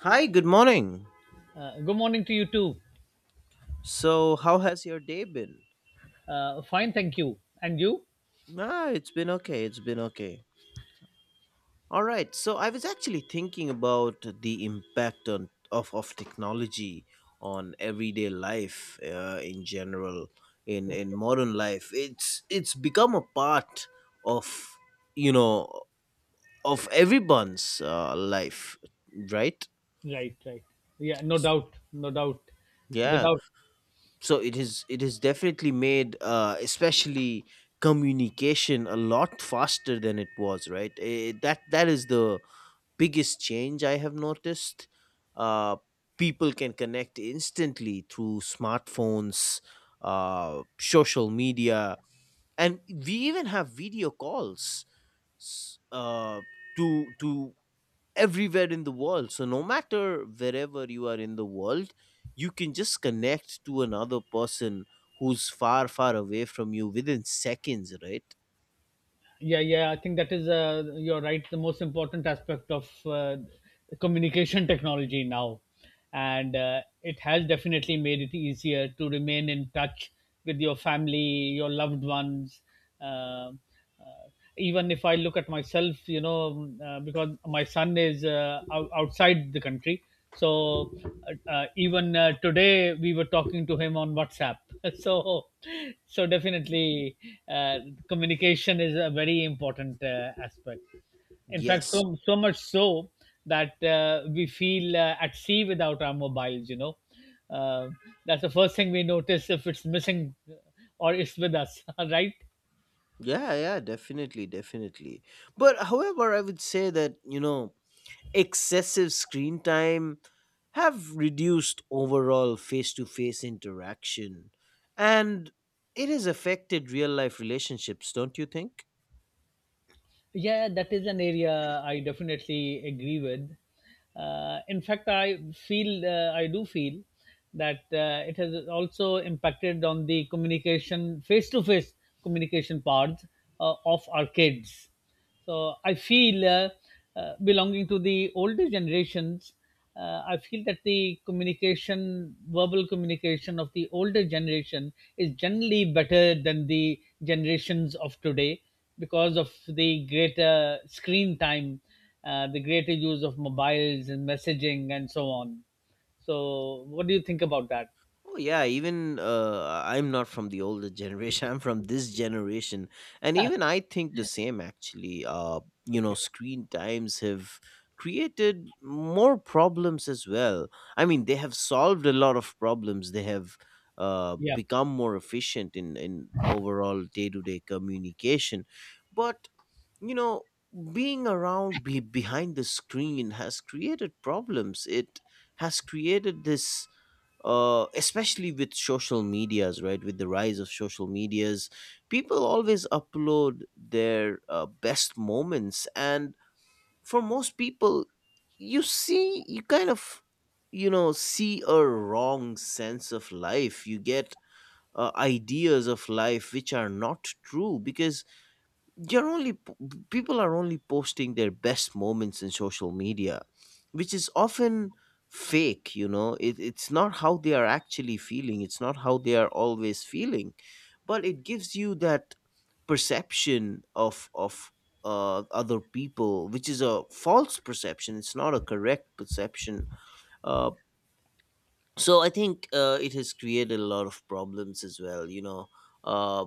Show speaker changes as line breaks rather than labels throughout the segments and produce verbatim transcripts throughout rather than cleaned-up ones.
Hi, good morning.
Uh, good morning to you too.
So, how has your day been?
Uh, fine, thank you. And you?
Ah, it's been okay. It's been okay. All right. So, I was actually thinking about the impact on of of technology on everyday life uh, in general in in
Okay.
modern life. It's it's become a part of, you know, of everyone's uh, life, right?
Right, right. Yeah, no doubt, no doubt.
Yeah.
Without,
So it is it has definitely made, uh, especially communication, a lot faster than it was, right? Eh, that that is the biggest change I have noticed. uh, People can connect instantly through smartphones, uh, social media, and we even have video calls s- uh, to to everywhere in the world. So no matter wherever you are in the world, you can just connect to another person who's far, far away from you within seconds, right?
yeah, yeah. I think that is, uh, you're right, the most important aspect of uh, communication technology now, and uh, it has definitely made it easier to remain in touch with your family, your loved ones. Uh, uh, Even if I look at myself, you know, uh, because my son is uh, out- outside the country. So uh, uh, even uh, today we were talking to him on WhatsApp. So so definitely, uh, communication is a very important uh, aspect. In fact,
Yes.
so so much so that uh, we feel uh, at sea without our mobiles. You know, uh, that's the first thing we notice if it's missing or it's with us, right?
Yeah, yeah, definitely, definitely. But however, I would say that, you know, excessive screen time have reduced overall face-to-face interaction, and it has affected real-life relationships, don't you think?
Yeah, that is an area I definitely agree with. Uh, in fact, I feel uh, I do feel that uh, it has also impacted on the communication, face-to-face communication parts uh, of our kids. So I feel uh, uh, belonging to the older generations, uh, I feel that the communication, verbal communication of the older generation is generally better than the generations of today because of the greater screen time, uh, the greater use of mobiles and messaging and so on. So, what do you think about that?
Oh yeah, even uh, I'm not from the older generation. I'm from this generation, and
Ah,
even I think the same. Actually, uh, you know,
okay.
screen times have created more problems as well. I mean, they have solved a lot of problems. They have uh,
Yeah.
become more efficient in in overall day to day communication, but you know, being around be- behind the screen has created problems. It has created this, uh, especially with social medias, right? With the rise of social medias, people always upload their uh, best moments. And for most people, you see, you kind of, you know, see a wrong sense of life. You get uh, ideas of life which are not true because you're only p- people are only posting their best moments in social media, which is often fake. You know, it, it's not how they are actually feeling, it's not how they are always feeling, but it gives you that perception of of uh, other people, which is a false perception, it's not a correct perception. uh, so I think uh, it has created a lot of problems as well, you know. uh,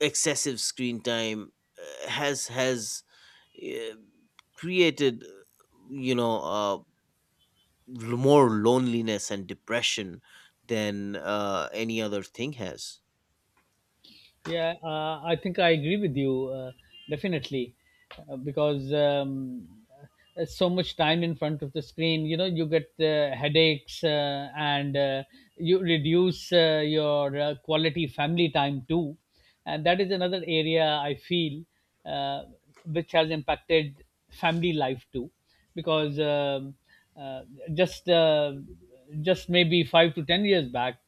Excessive screen time uh, has has eh, created, you know, uh, more loneliness and depression than uh, any other thing has.
Yeah, uh, I think I agree with you uh, definitely, uh, because um, uh, so much time in front of the screen, you know, you get uh, headaches uh, and uh, you reduce uh, your uh, quality family time too. And that is another area I feel uh, which has impacted family life too because um, uh, just uh, just maybe five to ten years back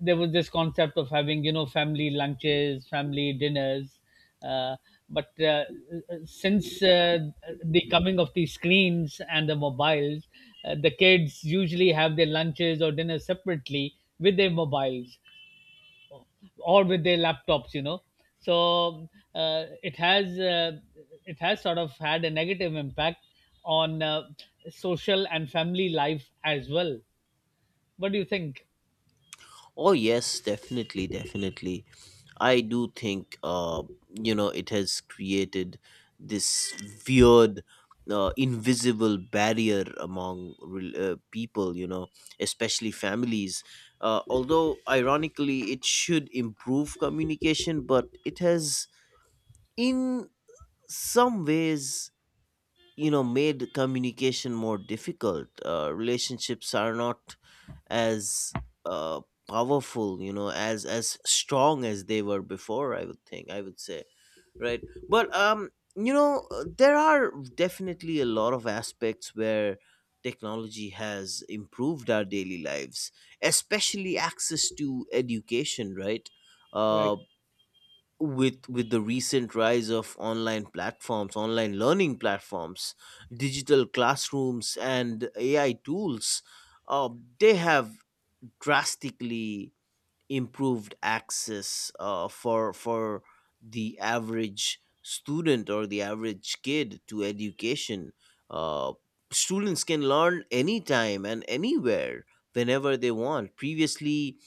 there was this concept of having, you know, family lunches, family dinners, uh, but uh, since uh, the coming of the screens and the mobiles, uh, the kids usually have their lunches or dinners separately with their mobiles or with their laptops, you know. So uh, it has uh, it has sort of had a negative impact on uh, social and family life as well. What do you think?
Oh yes, definitely, definitely. I do think uh, you know, it has created this weird uh, invisible barrier among rel- uh, people, you know, especially families. Uh, although ironically it should improve communication, but it has in some ways, you know, made communication more difficult. Uh, relationships are not as uh, powerful, you know, as as strong as they were before, I would think, I would say, right? But um you know, uh, there are definitely a lot of aspects where technology has improved our daily lives, especially access to education, right?
Right,
Uh, with with the recent rise of online platforms, online learning platforms, digital classrooms and AI tools, uh, they have drastically improved access uh, for for the average student or the average kid to education. uh, Students can learn anytime and anywhere whenever they want. Previously,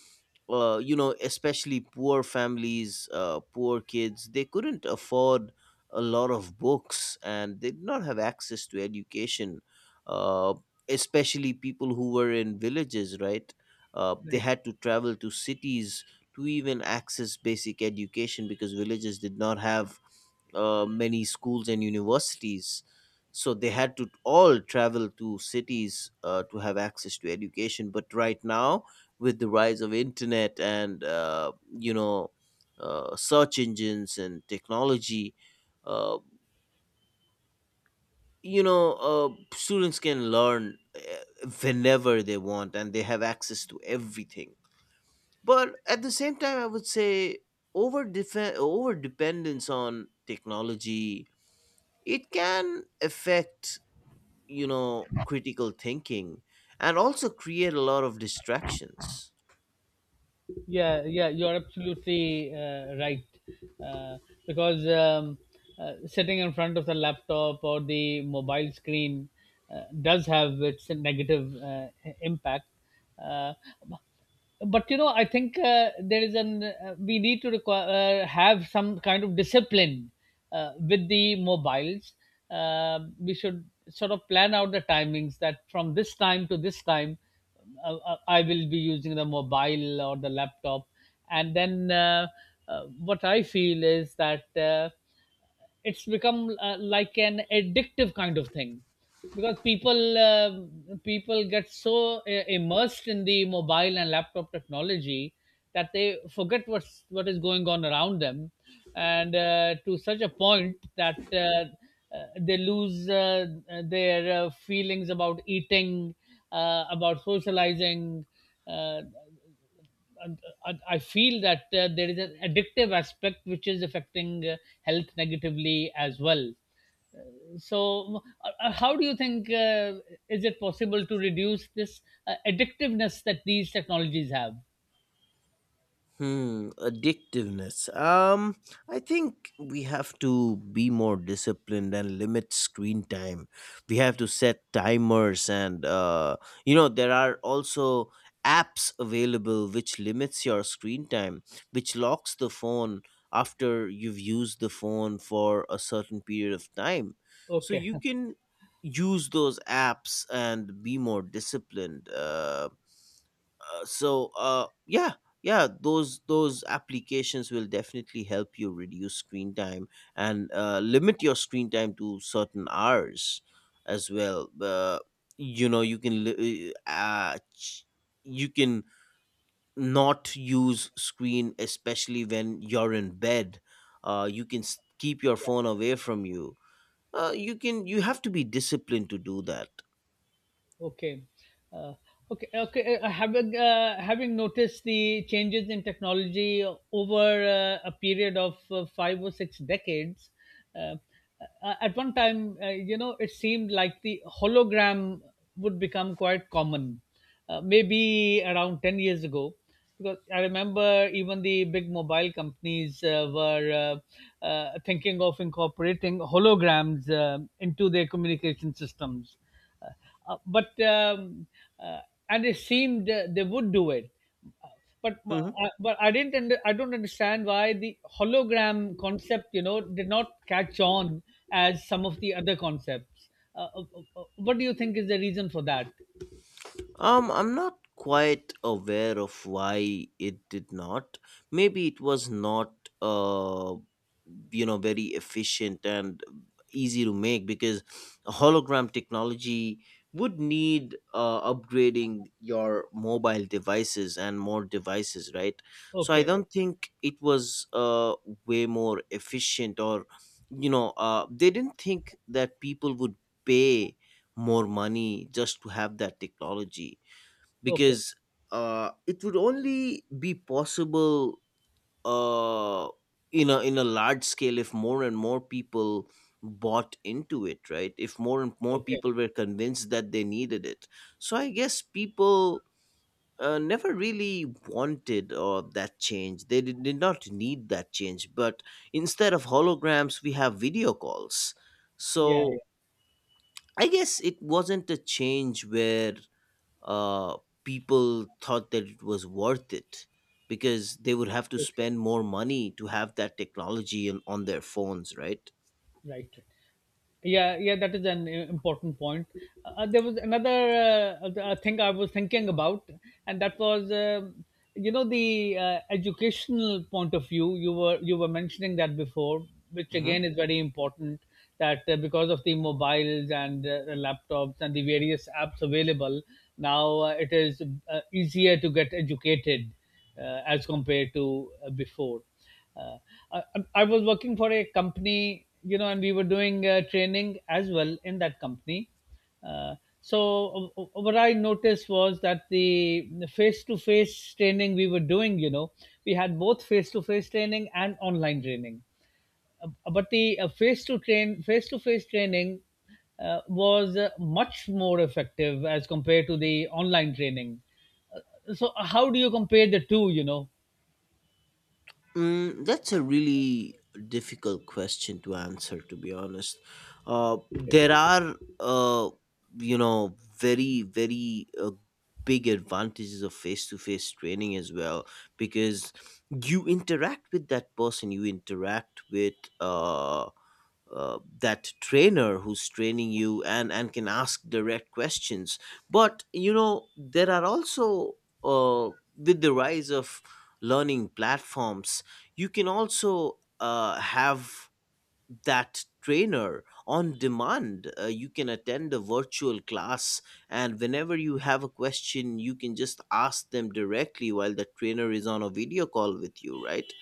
uh, you know, especially poor families, uh, poor kids, they couldn't afford a lot of books and they did not have access to education, uh, especially people who were in villages, right? Uh, they
right.
had to travel to cities to even access basic education because villages did not have uh, many schools and universities. So they had to all travel to cities uh, to have access to education. But right now, with the rise of internet and, uh, you know, uh, search engines and technology, uh, you know, uh, students can learn uh, whenever they want, and they have access to everything. But at the same time, I would say over defen- over dependence on technology, it can affect, you know, critical thinking and also create a lot of distractions.
Yeah, yeah, you're absolutely uh, right. Uh, because um, uh, sitting in front of the laptop or the mobile screen uh, does have its negative uh, impact. Uh, but you know, I think uh, there is an uh, we need to require uh, have some kind of discipline uh, with the mobiles. Um, we should sort of plan out the timings, that from this time to this time uh, uh, I will be using the mobile or the laptop, and then uh, uh, what I feel is that uh, it's become uh, like an addictive kind of thing, because people uh, people get so uh, immersed in the mobile and laptop technology that they forget what's what is going on around them, and uh, to such a point that uh, uh, they lose uh, their uh, feelings about eating, uh, about socializing, uh, and I, I feel that uh, there is an addictive aspect which is affecting uh, health negatively as well. So, uh, uh, how do you think uh, is it possible to reduce this uh, addictiveness that these technologies have?
Hmm, addictiveness. Um, I think we have to be more disciplined and limit screen time. We have to set timers, and uh, you know there are also apps available which limits your screen time, which locks the phone after you've used the phone for a certain period of time. So
Okay.
you can use those apps and be more disciplined. Uh, uh, so uh yeah, yeah, those those applications will definitely help you reduce screen time and uh, limit your screen time to certain hours as well. Uh, you know, you can li- uh, uh, ch- you can not use screen, especially when you're in bed. Uh, you can s- keep your phone away from you. Uh, you can, you have to be disciplined to do that.
Okay. Uh, okay. uh, Okay. Uh, having uh, having noticed the changes in technology over uh, a period of uh, five or six decades, uh, uh, at one time, uh, you know, it seemed like the hologram would become quite common, uh, maybe around ten years ago. Because I remember even the big mobile companies uh, were uh, uh, thinking of incorporating holograms uh, into their communication systems. Uh, uh, but um, uh, and it seemed uh, they would do it, but uh,
Mm-hmm.
but i didn't under, I don't understand why the hologram concept, you know, did not catch on as some of the other concepts. Uh, uh, uh, uh, what do you think is the reason for that?
Um, I'm not quite aware of why it did not. Maybe it was not, uh, you know, very efficient and easy to make because hologram technology would need uh, upgrading your mobile devices and more devices, right? So I
Okay.
don't think it was uh, way more efficient, or, you know, uh, they didn't think that people would pay more money just to have that technology
Okay.
because uh, it would only be possible uh, in a in a large scale if more and more people bought into it, right? If more and more
Okay.
people were convinced that they needed it. So I guess people. Uh, never really wanted or that change. They did, did not need that change. But instead of holograms, we have video calls.
Yeah,
So I guess it wasn't a change where uh, people thought that it was worth it because they would have to
yeah. Okay.
spend more money to have that technology on, on their phones, right?
Right. Yeah, yeah, that is an uh, important point. Uh, there was another uh, uh, thing I was thinking about, and that was, um, you know, the uh, educational point of view. You were you were mentioning that before, which
Hmm.
again is very important. That uh, because of the mobiles and uh, laptops and the various apps available now, uh, it is uh, easier to get educated uh, as compared to uh, before. Uh, I, I was working for a company, you know, and we were doing uh, training as well in that company. Uh, so uh, what I noticed was that the the face-to-face training we were doing, you know, we had both face-to-face training and online training. Uh, but the uh, face-to train face-to-face training uh, was uh, much more effective as compared to the online training. So how do you compare the two? You know,
Mm, that's a really difficult question to answer, to be honest. Uh,
okay.
there are, uh, you know, very, very uh, big advantages of face to face training as well because you interact with that person, you interact with, uh, uh, that trainer who's training you, and and can ask direct questions. But you know there are also uh, with the rise of learning platforms, you can also uh, have that trainer on demand. Uh, you can attend a virtual class and whenever you have a question you can just ask them directly while the trainer is on a video call with you, right?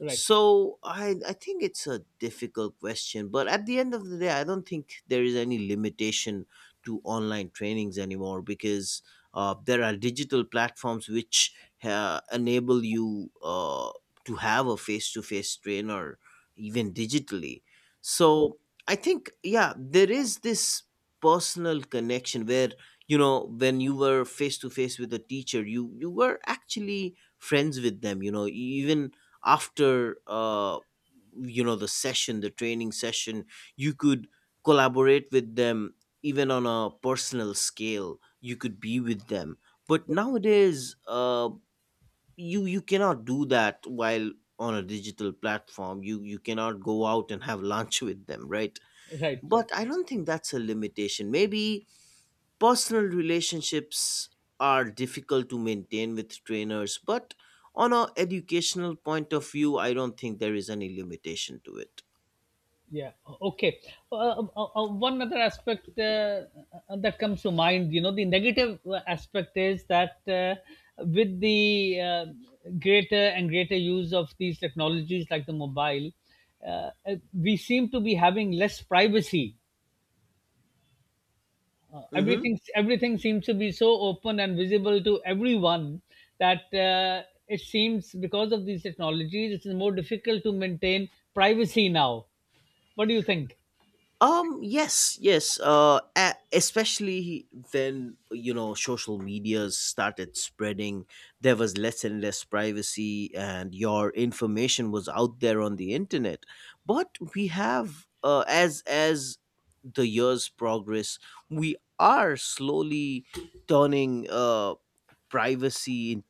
Right?
So I I think it's a difficult question, but at the end of the day, I don't think there is any limitation to online trainings anymore because uh, there are digital platforms which uh, enable you uh, to have a face-to-face trainer even digitally.
Oh,
So I think yeah, there is this personal connection where, you know, when you were face to face with a teacher, you you were actually friends with them, you know, even after uh you know, the session, the training session, you could collaborate with them even on a personal scale, you could be with them. But nowadays uh you you cannot do that, while on a digital platform, you you cannot go out and have lunch with them, right?
right, right.
But I don't think that's a limitation. Maybe personal relationships are difficult to maintain with trainers, but on a educational point of view, I don't think there is any limitation to it.
Yeah. Okay. Uh, uh, uh, uh, one other aspect uh, uh, that comes to mind, you know, the negative uh, aspect is that uh, with the uh, greater and greater use of these technologies like the mobile, uh, uh, we seem to be having less privacy. Uh,
Mhm.
everything everything seems to be so open and visible to everyone, that uh, it seems because of these technologies, it is more difficult to maintain privacy now. What do you think?
Um. Yes. Yes. Uh. a- Especially when, you know, social medias started spreading, there was less and less privacy, and your information was out there on the internet. But we have, uh, as as the years progress, we are slowly turning uh privacy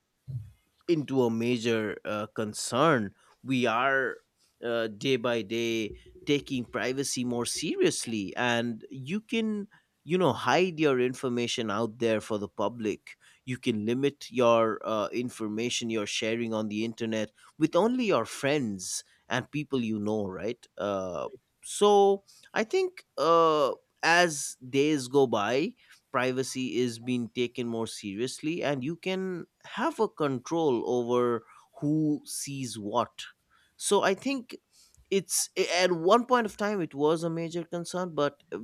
into a major uh, concern. We are uh, day by day taking privacy more seriously, and you can, you know, hide your information out there for the public. You can limit your uh, information you're sharing on the internet with only your friends and people you know, right? Uh, so I think uh, as days go by, privacy is being taken more seriously and you can have a control over who sees what. So I think it's, at one point of time it was a major concern, but uh,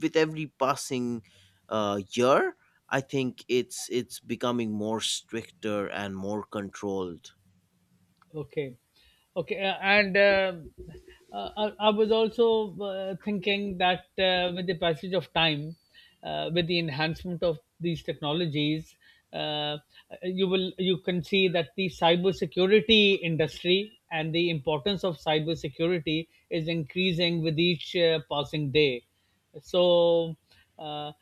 with every passing uh, year, I think it's it's becoming more stricter and more controlled.
Okay, okay, uh, and um, uh, I, I was also uh, thinking that uh, with the passage of time, uh, with the enhancement of these technologies, uh, you will you can see that the cybersecurity industry and the importance of cybersecurity is increasing with each uh, passing day. So. Uh,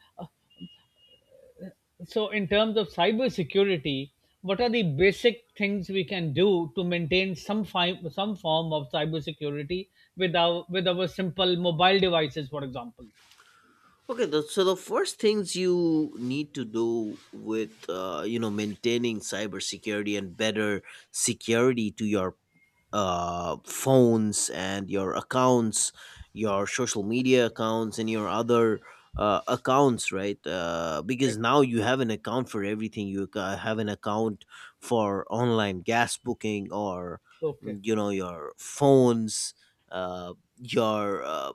so, in terms of cybersecurity, what are the basic things we can do to maintain some fi- some form of cybersecurity with our with our simple mobile devices, for example?
Okay, the, so the first things you need to do with uh, you know, maintaining cybersecurity and better security to your uh, phones and your accounts, your social media accounts, and your other uh, accounts, right? Uh, because
Right.
now you have an account for everything. You ca- have an account for online gas booking, or
Okay.
mm, you know, your phones, uh, your uh,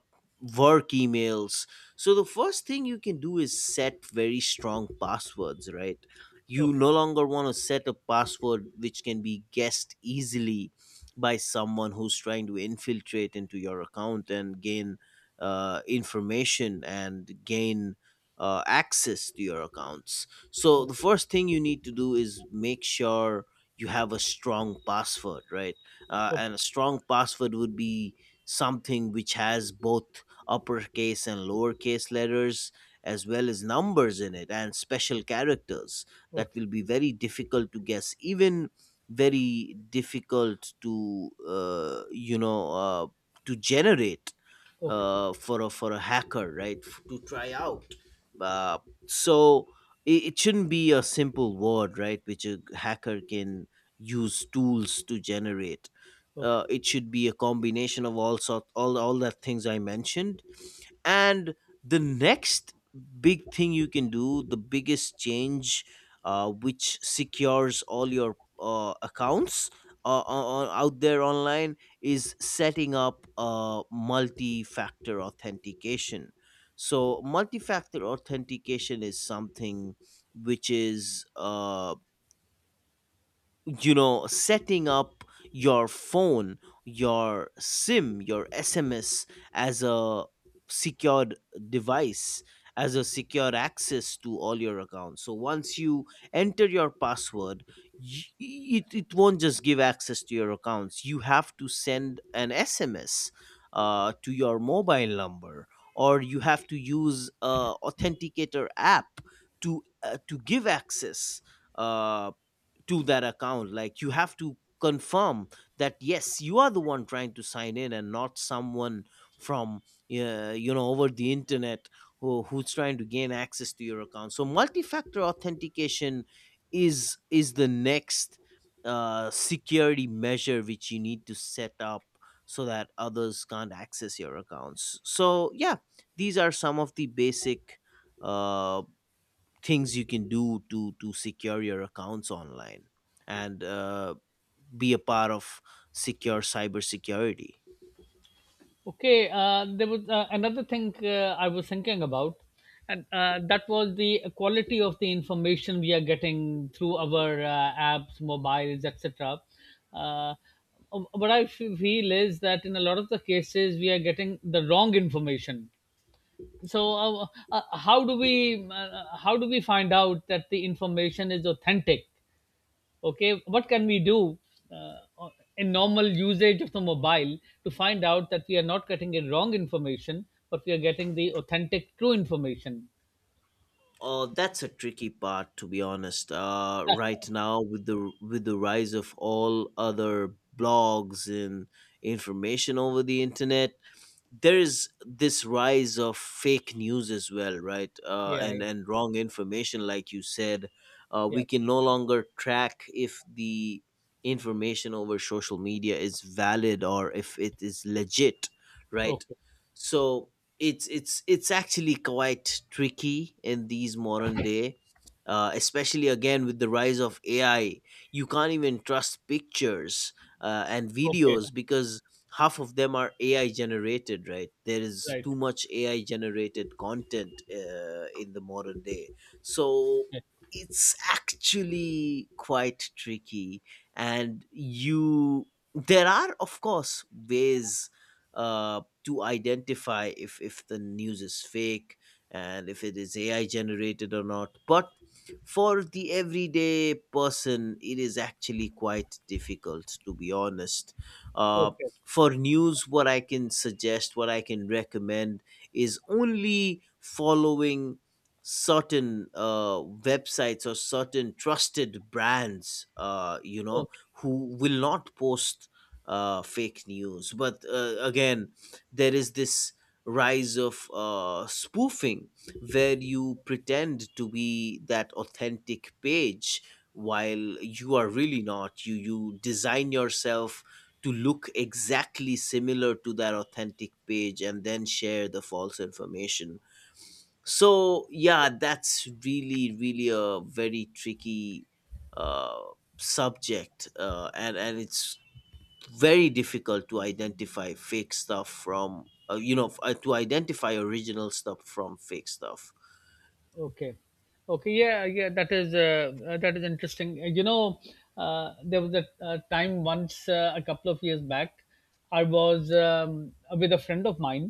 work emails. So the first thing you can do is set very strong passwords, right? You
Okay.
no longer want to set a password which can be guessed easily by someone who's trying to infiltrate into your account and gain uh, information and gain uh, access to your accounts. So the
Okay.
first thing you need to do is make sure you have a strong password, right? Uh,
Okay.
and a strong password would be something which has both uppercase and lowercase letters as well as numbers in it and special characters that
Okay.
will be very difficult to guess even very difficult to uh, you know uh, to generate
Okay.
uh, for a for a hacker, right? F- to try out. Uh, so it, it shouldn't be a simple word, right, which a hacker can use tools to generate.
Okay.
Uh, it should be a combination of all sort all all the things I mentioned. And the next big thing you can do, the biggest change uh, which secures all your uh, accounts uh, uh, on, out there online is setting up a multi-factor authentication. So multi-factor authentication is something which is uh, you know setting up your phone, your SIM, your S M S as a secured device, as a secure access to all your accounts. So once you enter your password, y- it, it won't just give access to your accounts. You have to send an S M S uh, to your mobile number, or you have to use a authenticator app to uh, to give access uh, to that account. Like, you have to confirm that, yes, you are the one trying to sign in and not someone from uh, you know over the internet, who, who's trying to gain access to your account. So multi-factor authentication is is the next uh, security measure which you need to set up so that others can't access your accounts. So yeah, these are some of the basic uh, things you can do to to secure your accounts online and uh, be a part of secure cybersecurity.
Okay, uh, there was uh, another thing uh, I was thinking about, and uh, that was the quality of the information we are getting through our uh, apps, mobiles, et cetera. Uh, um, what I f- feel is that in a lot of the cases we are getting the wrong information. So, uh, uh, how do we uh, uh, how do we find out that the information is authentic? Okay, what can we do uh, in normal usage of the mobile to find out that we are not getting a wrong information, but we are getting the authentic true information?
Oh, that's a tricky part, to be honest. Uh, right now, with the with the rise of all other blogs and information over the internet, there is this rise of fake news as well, right? uh,
Yeah,
and
yeah,
and wrong information, like you said, uh, we
yeah.
can no longer track if the information over social media is valid or if it is legit, right?
Okay.
So it's it's it's actually quite tricky in these modern day, uh, especially, again, with the rise of A I. You can't even trust pictures uh, and
Okay.
videos because half of them are A I generated, right? There is
Right.
too much A I generated content uh, in the modern day. So
Okay.
it's actually quite tricky. And you, there are, of course, ways uh, to identify if if the news is fake and if it is A I generated or not. But for the everyday person, it is actually quite difficult, to be honest. uh,
Okay.
for news, what I can suggest, what I can recommend, is only following certain uh, websites or certain trusted brands, uh, you know
Okay.
who will not post uh, fake news. But uh, again, there is this rise of uh, spoofing, where you pretend to be that authentic page while you are really not. You you design yourself to look exactly similar to that authentic page and then share the false information. So yeah, that's really really a very tricky uh, subject, uh, and and it's very difficult to identify fake stuff from uh, you know f- uh, to identify original stuff from fake stuff.
Okay. Okay, yeah, yeah, that is uh, uh, that is interesting. Uh, you know, uh, there was a uh, time once, uh, a couple of years back, I was um, with a friend of mine.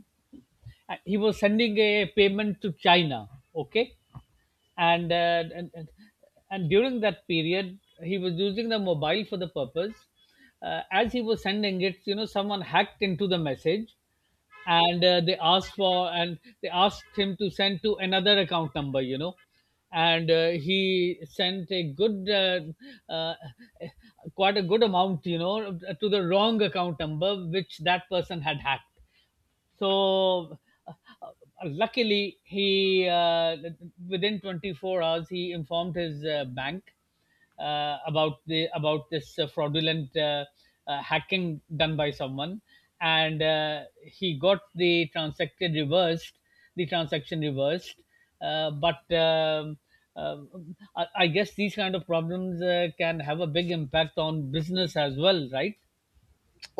Uh, he was sending a payment to China, okay, and uh, and, and and during that period he was using the mobile for the purpose, uh, as he was sending it, you know, someone hacked into the message, and uh, they asked for and they asked him to send to another account number, you know. And uh, he sent a good uh, uh, quite a good amount, you know, to the wrong account number which that person had hacked. So uh, uh, luckily, he, uh, within twenty-four hours he informed his uh, bank uh, about the about this uh, fraudulent uh, uh, hacking done by someone, and uh, he got the transaction reversed, the transaction reversed. Uh, but um, uh, I, I guess these kind of problems uh, can have a big impact on business as well, right?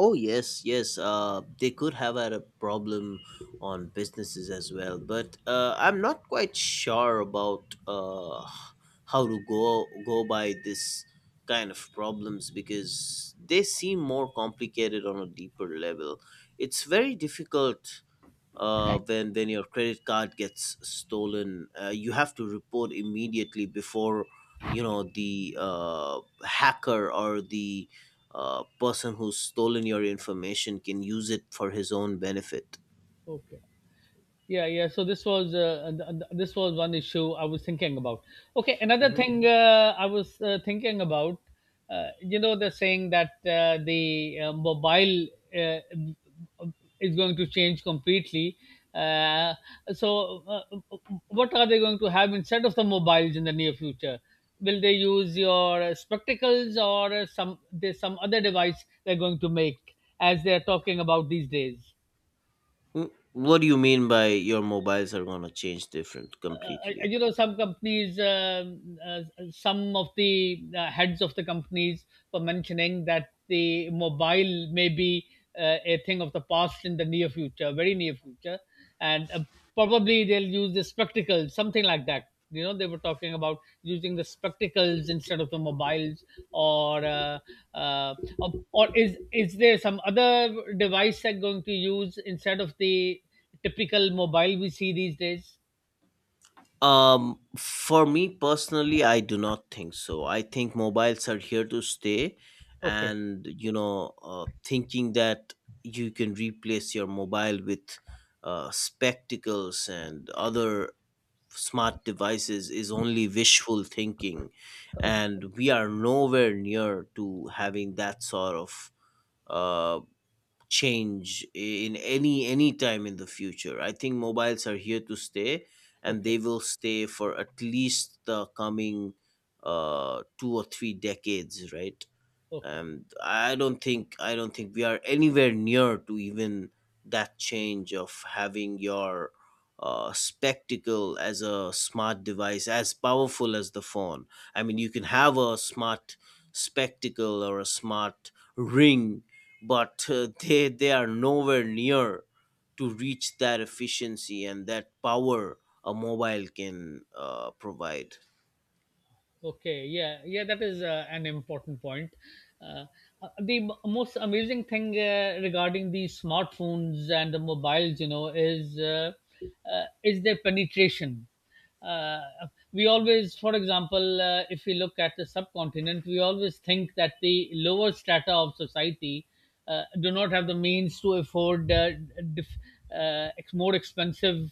Oh yes, yes. Uh, they could have had a problem on businesses as well, but uh, I'm not quite sure about uh, how to go go by this kind of problems because they seem more complicated on a deeper level. It's very difficult uh, when when your credit card gets stolen. Uh, you have to report immediately before, you know, the uh, hacker or the uh, person who's stolen your information can use it for his own benefit.
Okay. Yeah, yeah. So this was uh, th- th- this was one issue I was thinking about. Okay, another
Mhm.
thing uh, I was uh, thinking about, uh, you know, the saying that uh, the uh, mobile uh, is going to change completely. Uh, so, uh, uh, what are they going to have instead of the mobiles in the near future? Will they use your spectacles or some there's some other device they're going to make as they're talking about these days?
Mm, what do you mean by your mobiles are gonna change different
Uh, uh,
completely?
you know, some companies, um uh, some of the uh, heads of the companies were mentioning that the mobile may be uh, a thing of the past in the near future, very near future, and uh, probably they'll use the spectacles, something like that, you know. They were talking about using the spectacles instead of the mobiles, or uh, uh, or or is is there some other device they're going to use instead of the typical mobile we see these days?
Um, for me personally, I do not think so. I think mobiles are here to stay,
Okay.
and, you know, uh, thinking that you can replace your mobile with uh, spectacles and other smart devices is only wishful thinking, and we are nowhere near to having that sort of uh, change in any any time in the future. I think mobiles are here to stay, and
Okay,
they will stay for at least the coming uh two or three decades, right?
okay,
And i don't think i don't think we are anywhere near to even that change of having your uh, spectacle as a smart device as powerful as the phone. I mean, you can have a smart spectacle or a smart ring, but uh, they they are nowhere near to reach that efficiency and that power a mobile can uh, provide.
okay. Yeah, yeah. That is uh, an important point. Uh, uh, the m- Most amazing thing uh, regarding the smartphones and the mobiles, you know, is uh, uh, is their penetration. Uh, we always, for example, uh, if we look at the subcontinent, we always think that the lower strata of society uh, do not have the means to afford uh, diff, uh, ex- more expensive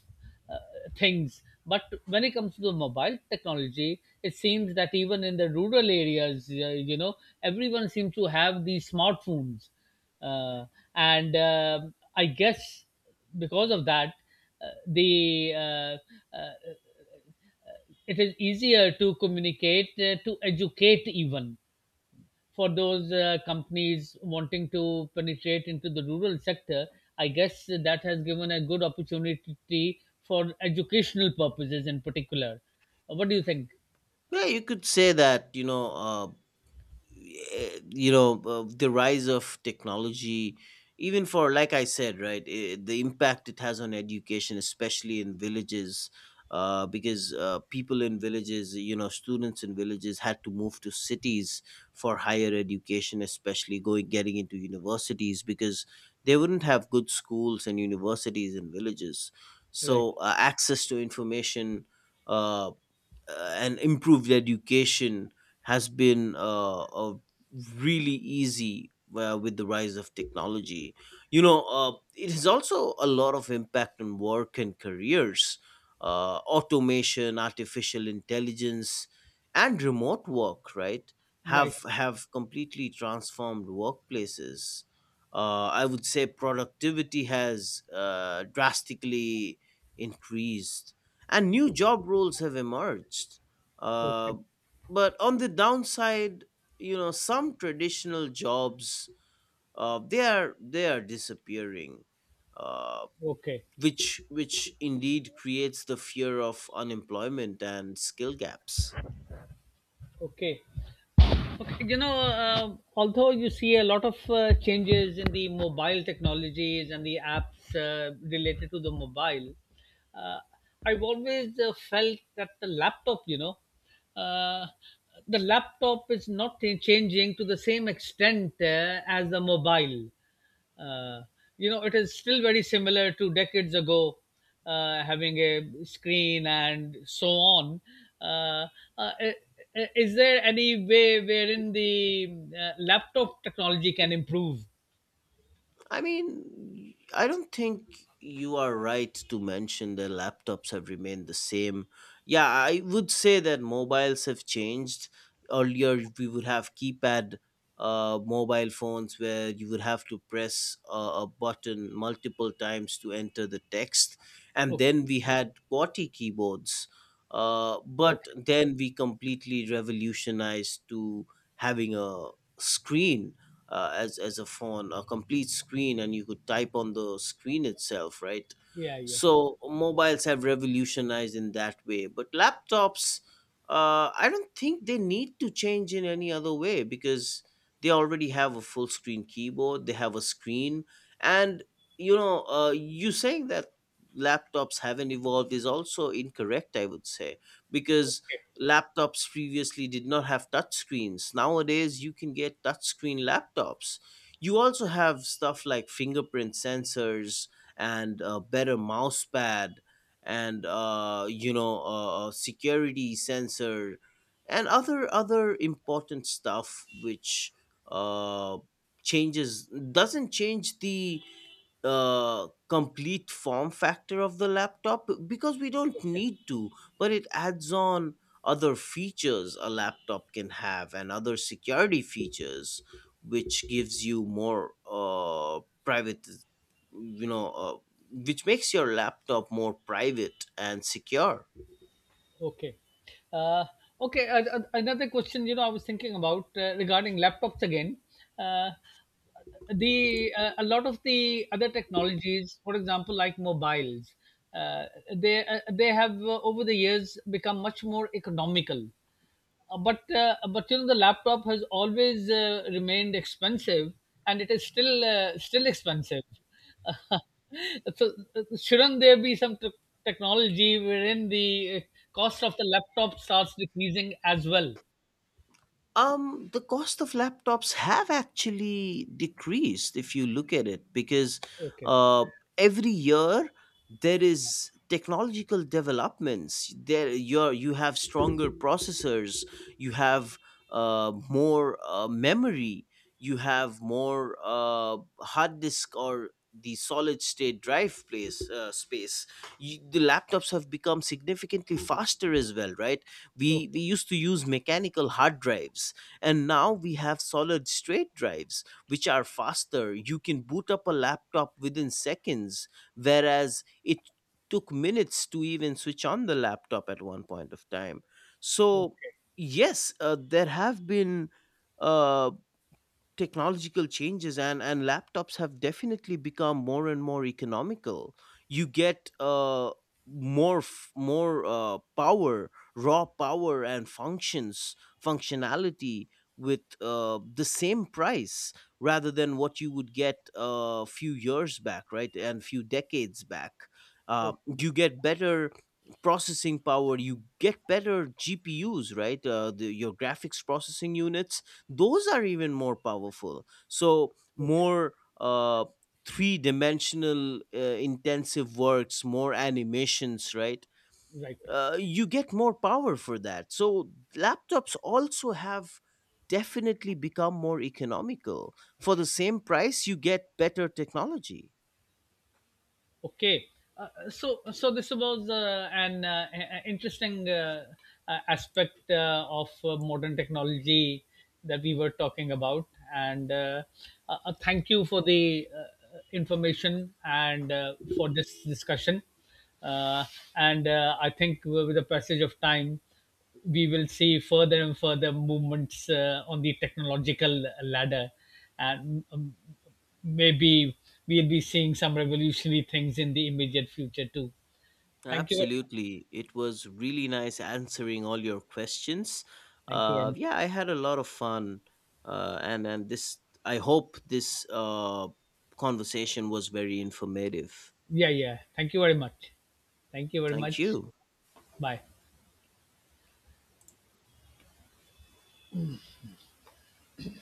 uh, things. But when it comes to the mobile technology, it seems that even in the rural areas, uh, you know, everyone seems to have these smartphones. Uh, and um, I guess because of that, uh, the uh, uh, it is easier to communicate, uh, to educate, even for those uh, companies wanting to penetrate into the rural sector. I guess that has given a good opportunity for educational purposes in particular. Uh, What do you think?
Yeah, you could say that. You know, uh, eh, you know uh, the rise of technology, even for, like I said, right, eh, the impact it has on education, especially in villages, uh, because uh, people in villages, you know, students in villages had to move to cities for higher education, especially going getting into universities, because they wouldn't have good schools and universities in villages.
Right,
So uh, access to information, uh, uh, and improved education has been uh, uh, really easy uh, with the rise of technology. You know, uh, it has also a lot of impact on work and careers. Uh, automation, artificial intelligence, and remote work, right,
right.
have have completely transformed workplaces. Uh, I would say productivity has uh, drastically increased and new job roles have emerged. Uh,
Okay,
but on the downside, you know, some traditional jobs uh, they are they are disappearing, uh,
okay,
which which indeed creates the fear of unemployment and skill gaps.
okay. Okay, you know, uh, although you see a lot of uh, changes in the mobile technologies and the apps uh, related to the mobile, uh, I've always uh, felt that the laptop, you know, uh, the laptop is not changing to the same extent uh, as the mobile. uh, you know, it is still very similar to decades ago, uh, having a screen and so on. uh, uh, i- i- is there any way wherein the uh, laptop technology can improve?
I mean, I don't think you are right to mention that laptops have remained the same. Yeah, I would say that mobiles have changed. Earlier, we would have keypad uh, mobile phones where you would have to press a, a button multiple times to enter the text. And
Okay,
then we had QWERTY keyboards. Uh,
okay.
but then we completely revolutionized to having a screen uh, as as a phone, a complete screen, and you could type on the screen itself, right?
Yeah, yeah.
So mobiles have revolutionized in that way. But laptops, uh, I don't think they need to change in any other way, because they already have a full screen keyboard, they have a screen, and, you know, uh, you saying that laptops haven't evolved is also incorrect, I would say, because laptops previously did not have touch screens. Nowadays, you can get touch screen laptops. You also have stuff like fingerprint sensors and a better mouse pad, and uh, you know uh, a security sensor, and other other important stuff which uh, changes doesn't change the uh, complete form factor of the laptop, because we don't
Okay.
need to. But it adds on other features a laptop can have, and other security features, which gives you more uh, private, you know, uh, which makes your laptop more private and secure.
Okay. Uh, okay. Uh, uh, another question, you know, I was thinking about uh, regarding laptops again. Uh, the uh, a lot of the other technologies, for example, like mobiles, uh, they uh, they have uh, over the years become much more economical. Uh, but uh, but you know, the laptop has always uh, remained expensive, and it is still uh, still expensive. So uh, shouldn't there be some t- technology wherein the uh, cost of the laptop starts decreasing as well?
Um, the cost of laptops have actually decreased if you look at it, because
Okay.
uh, every year there is technological developments. There, you're, you have stronger processors, you have uh, more uh, memory, you have more uh, hard disk or the solid state drive place uh, space. You, the laptops have become significantly faster as well, right? we
Okay.
we used to use mechanical hard drives, and now we have solid state drives which are faster. You can boot up a laptop within seconds, whereas it took minutes to even switch on the laptop at one point of time. So
Okay.
yes, uh, there have been uh, technological changes, and and laptops have definitely become more and more economical. You get uh more f- more uh power, raw power and functions functionality with uh the same price, rather than what you would get a few years back, right, and few decades back. uh
Okay.
you get better processing power, you get better G P Us, right? Uh, the, your graphics processing units, those are even more powerful. So
Okay.
more uh three dimensional uh, intensive works, more animations, right?
Right.
Uh, you get more power for that. So laptops also have definitely become more economical. For the same price, you get better technology.
Okay, uh, uh, so so this was uh, an uh, a- interesting uh, uh, aspect uh, of uh, modern technology that we were talking about. And uh, uh, uh, thank you for the uh, uh, information and uh, for this discussion. Uh, and uh, I think with the passage of time, we will see further and further movements uh, on the technological ladder, and maybe we'll be seeing some revolutionary things in the immediate future too. Thank you.
Absolutely. It was really nice answering all your questions.
Thank you very
Uh, yeah,
much.
I had a lot of fun. Uh, and, and this, I hope this uh, conversation was very informative.
Yeah, yeah. Thank you very much. Thank you very
Thank
much.
you.
Bye.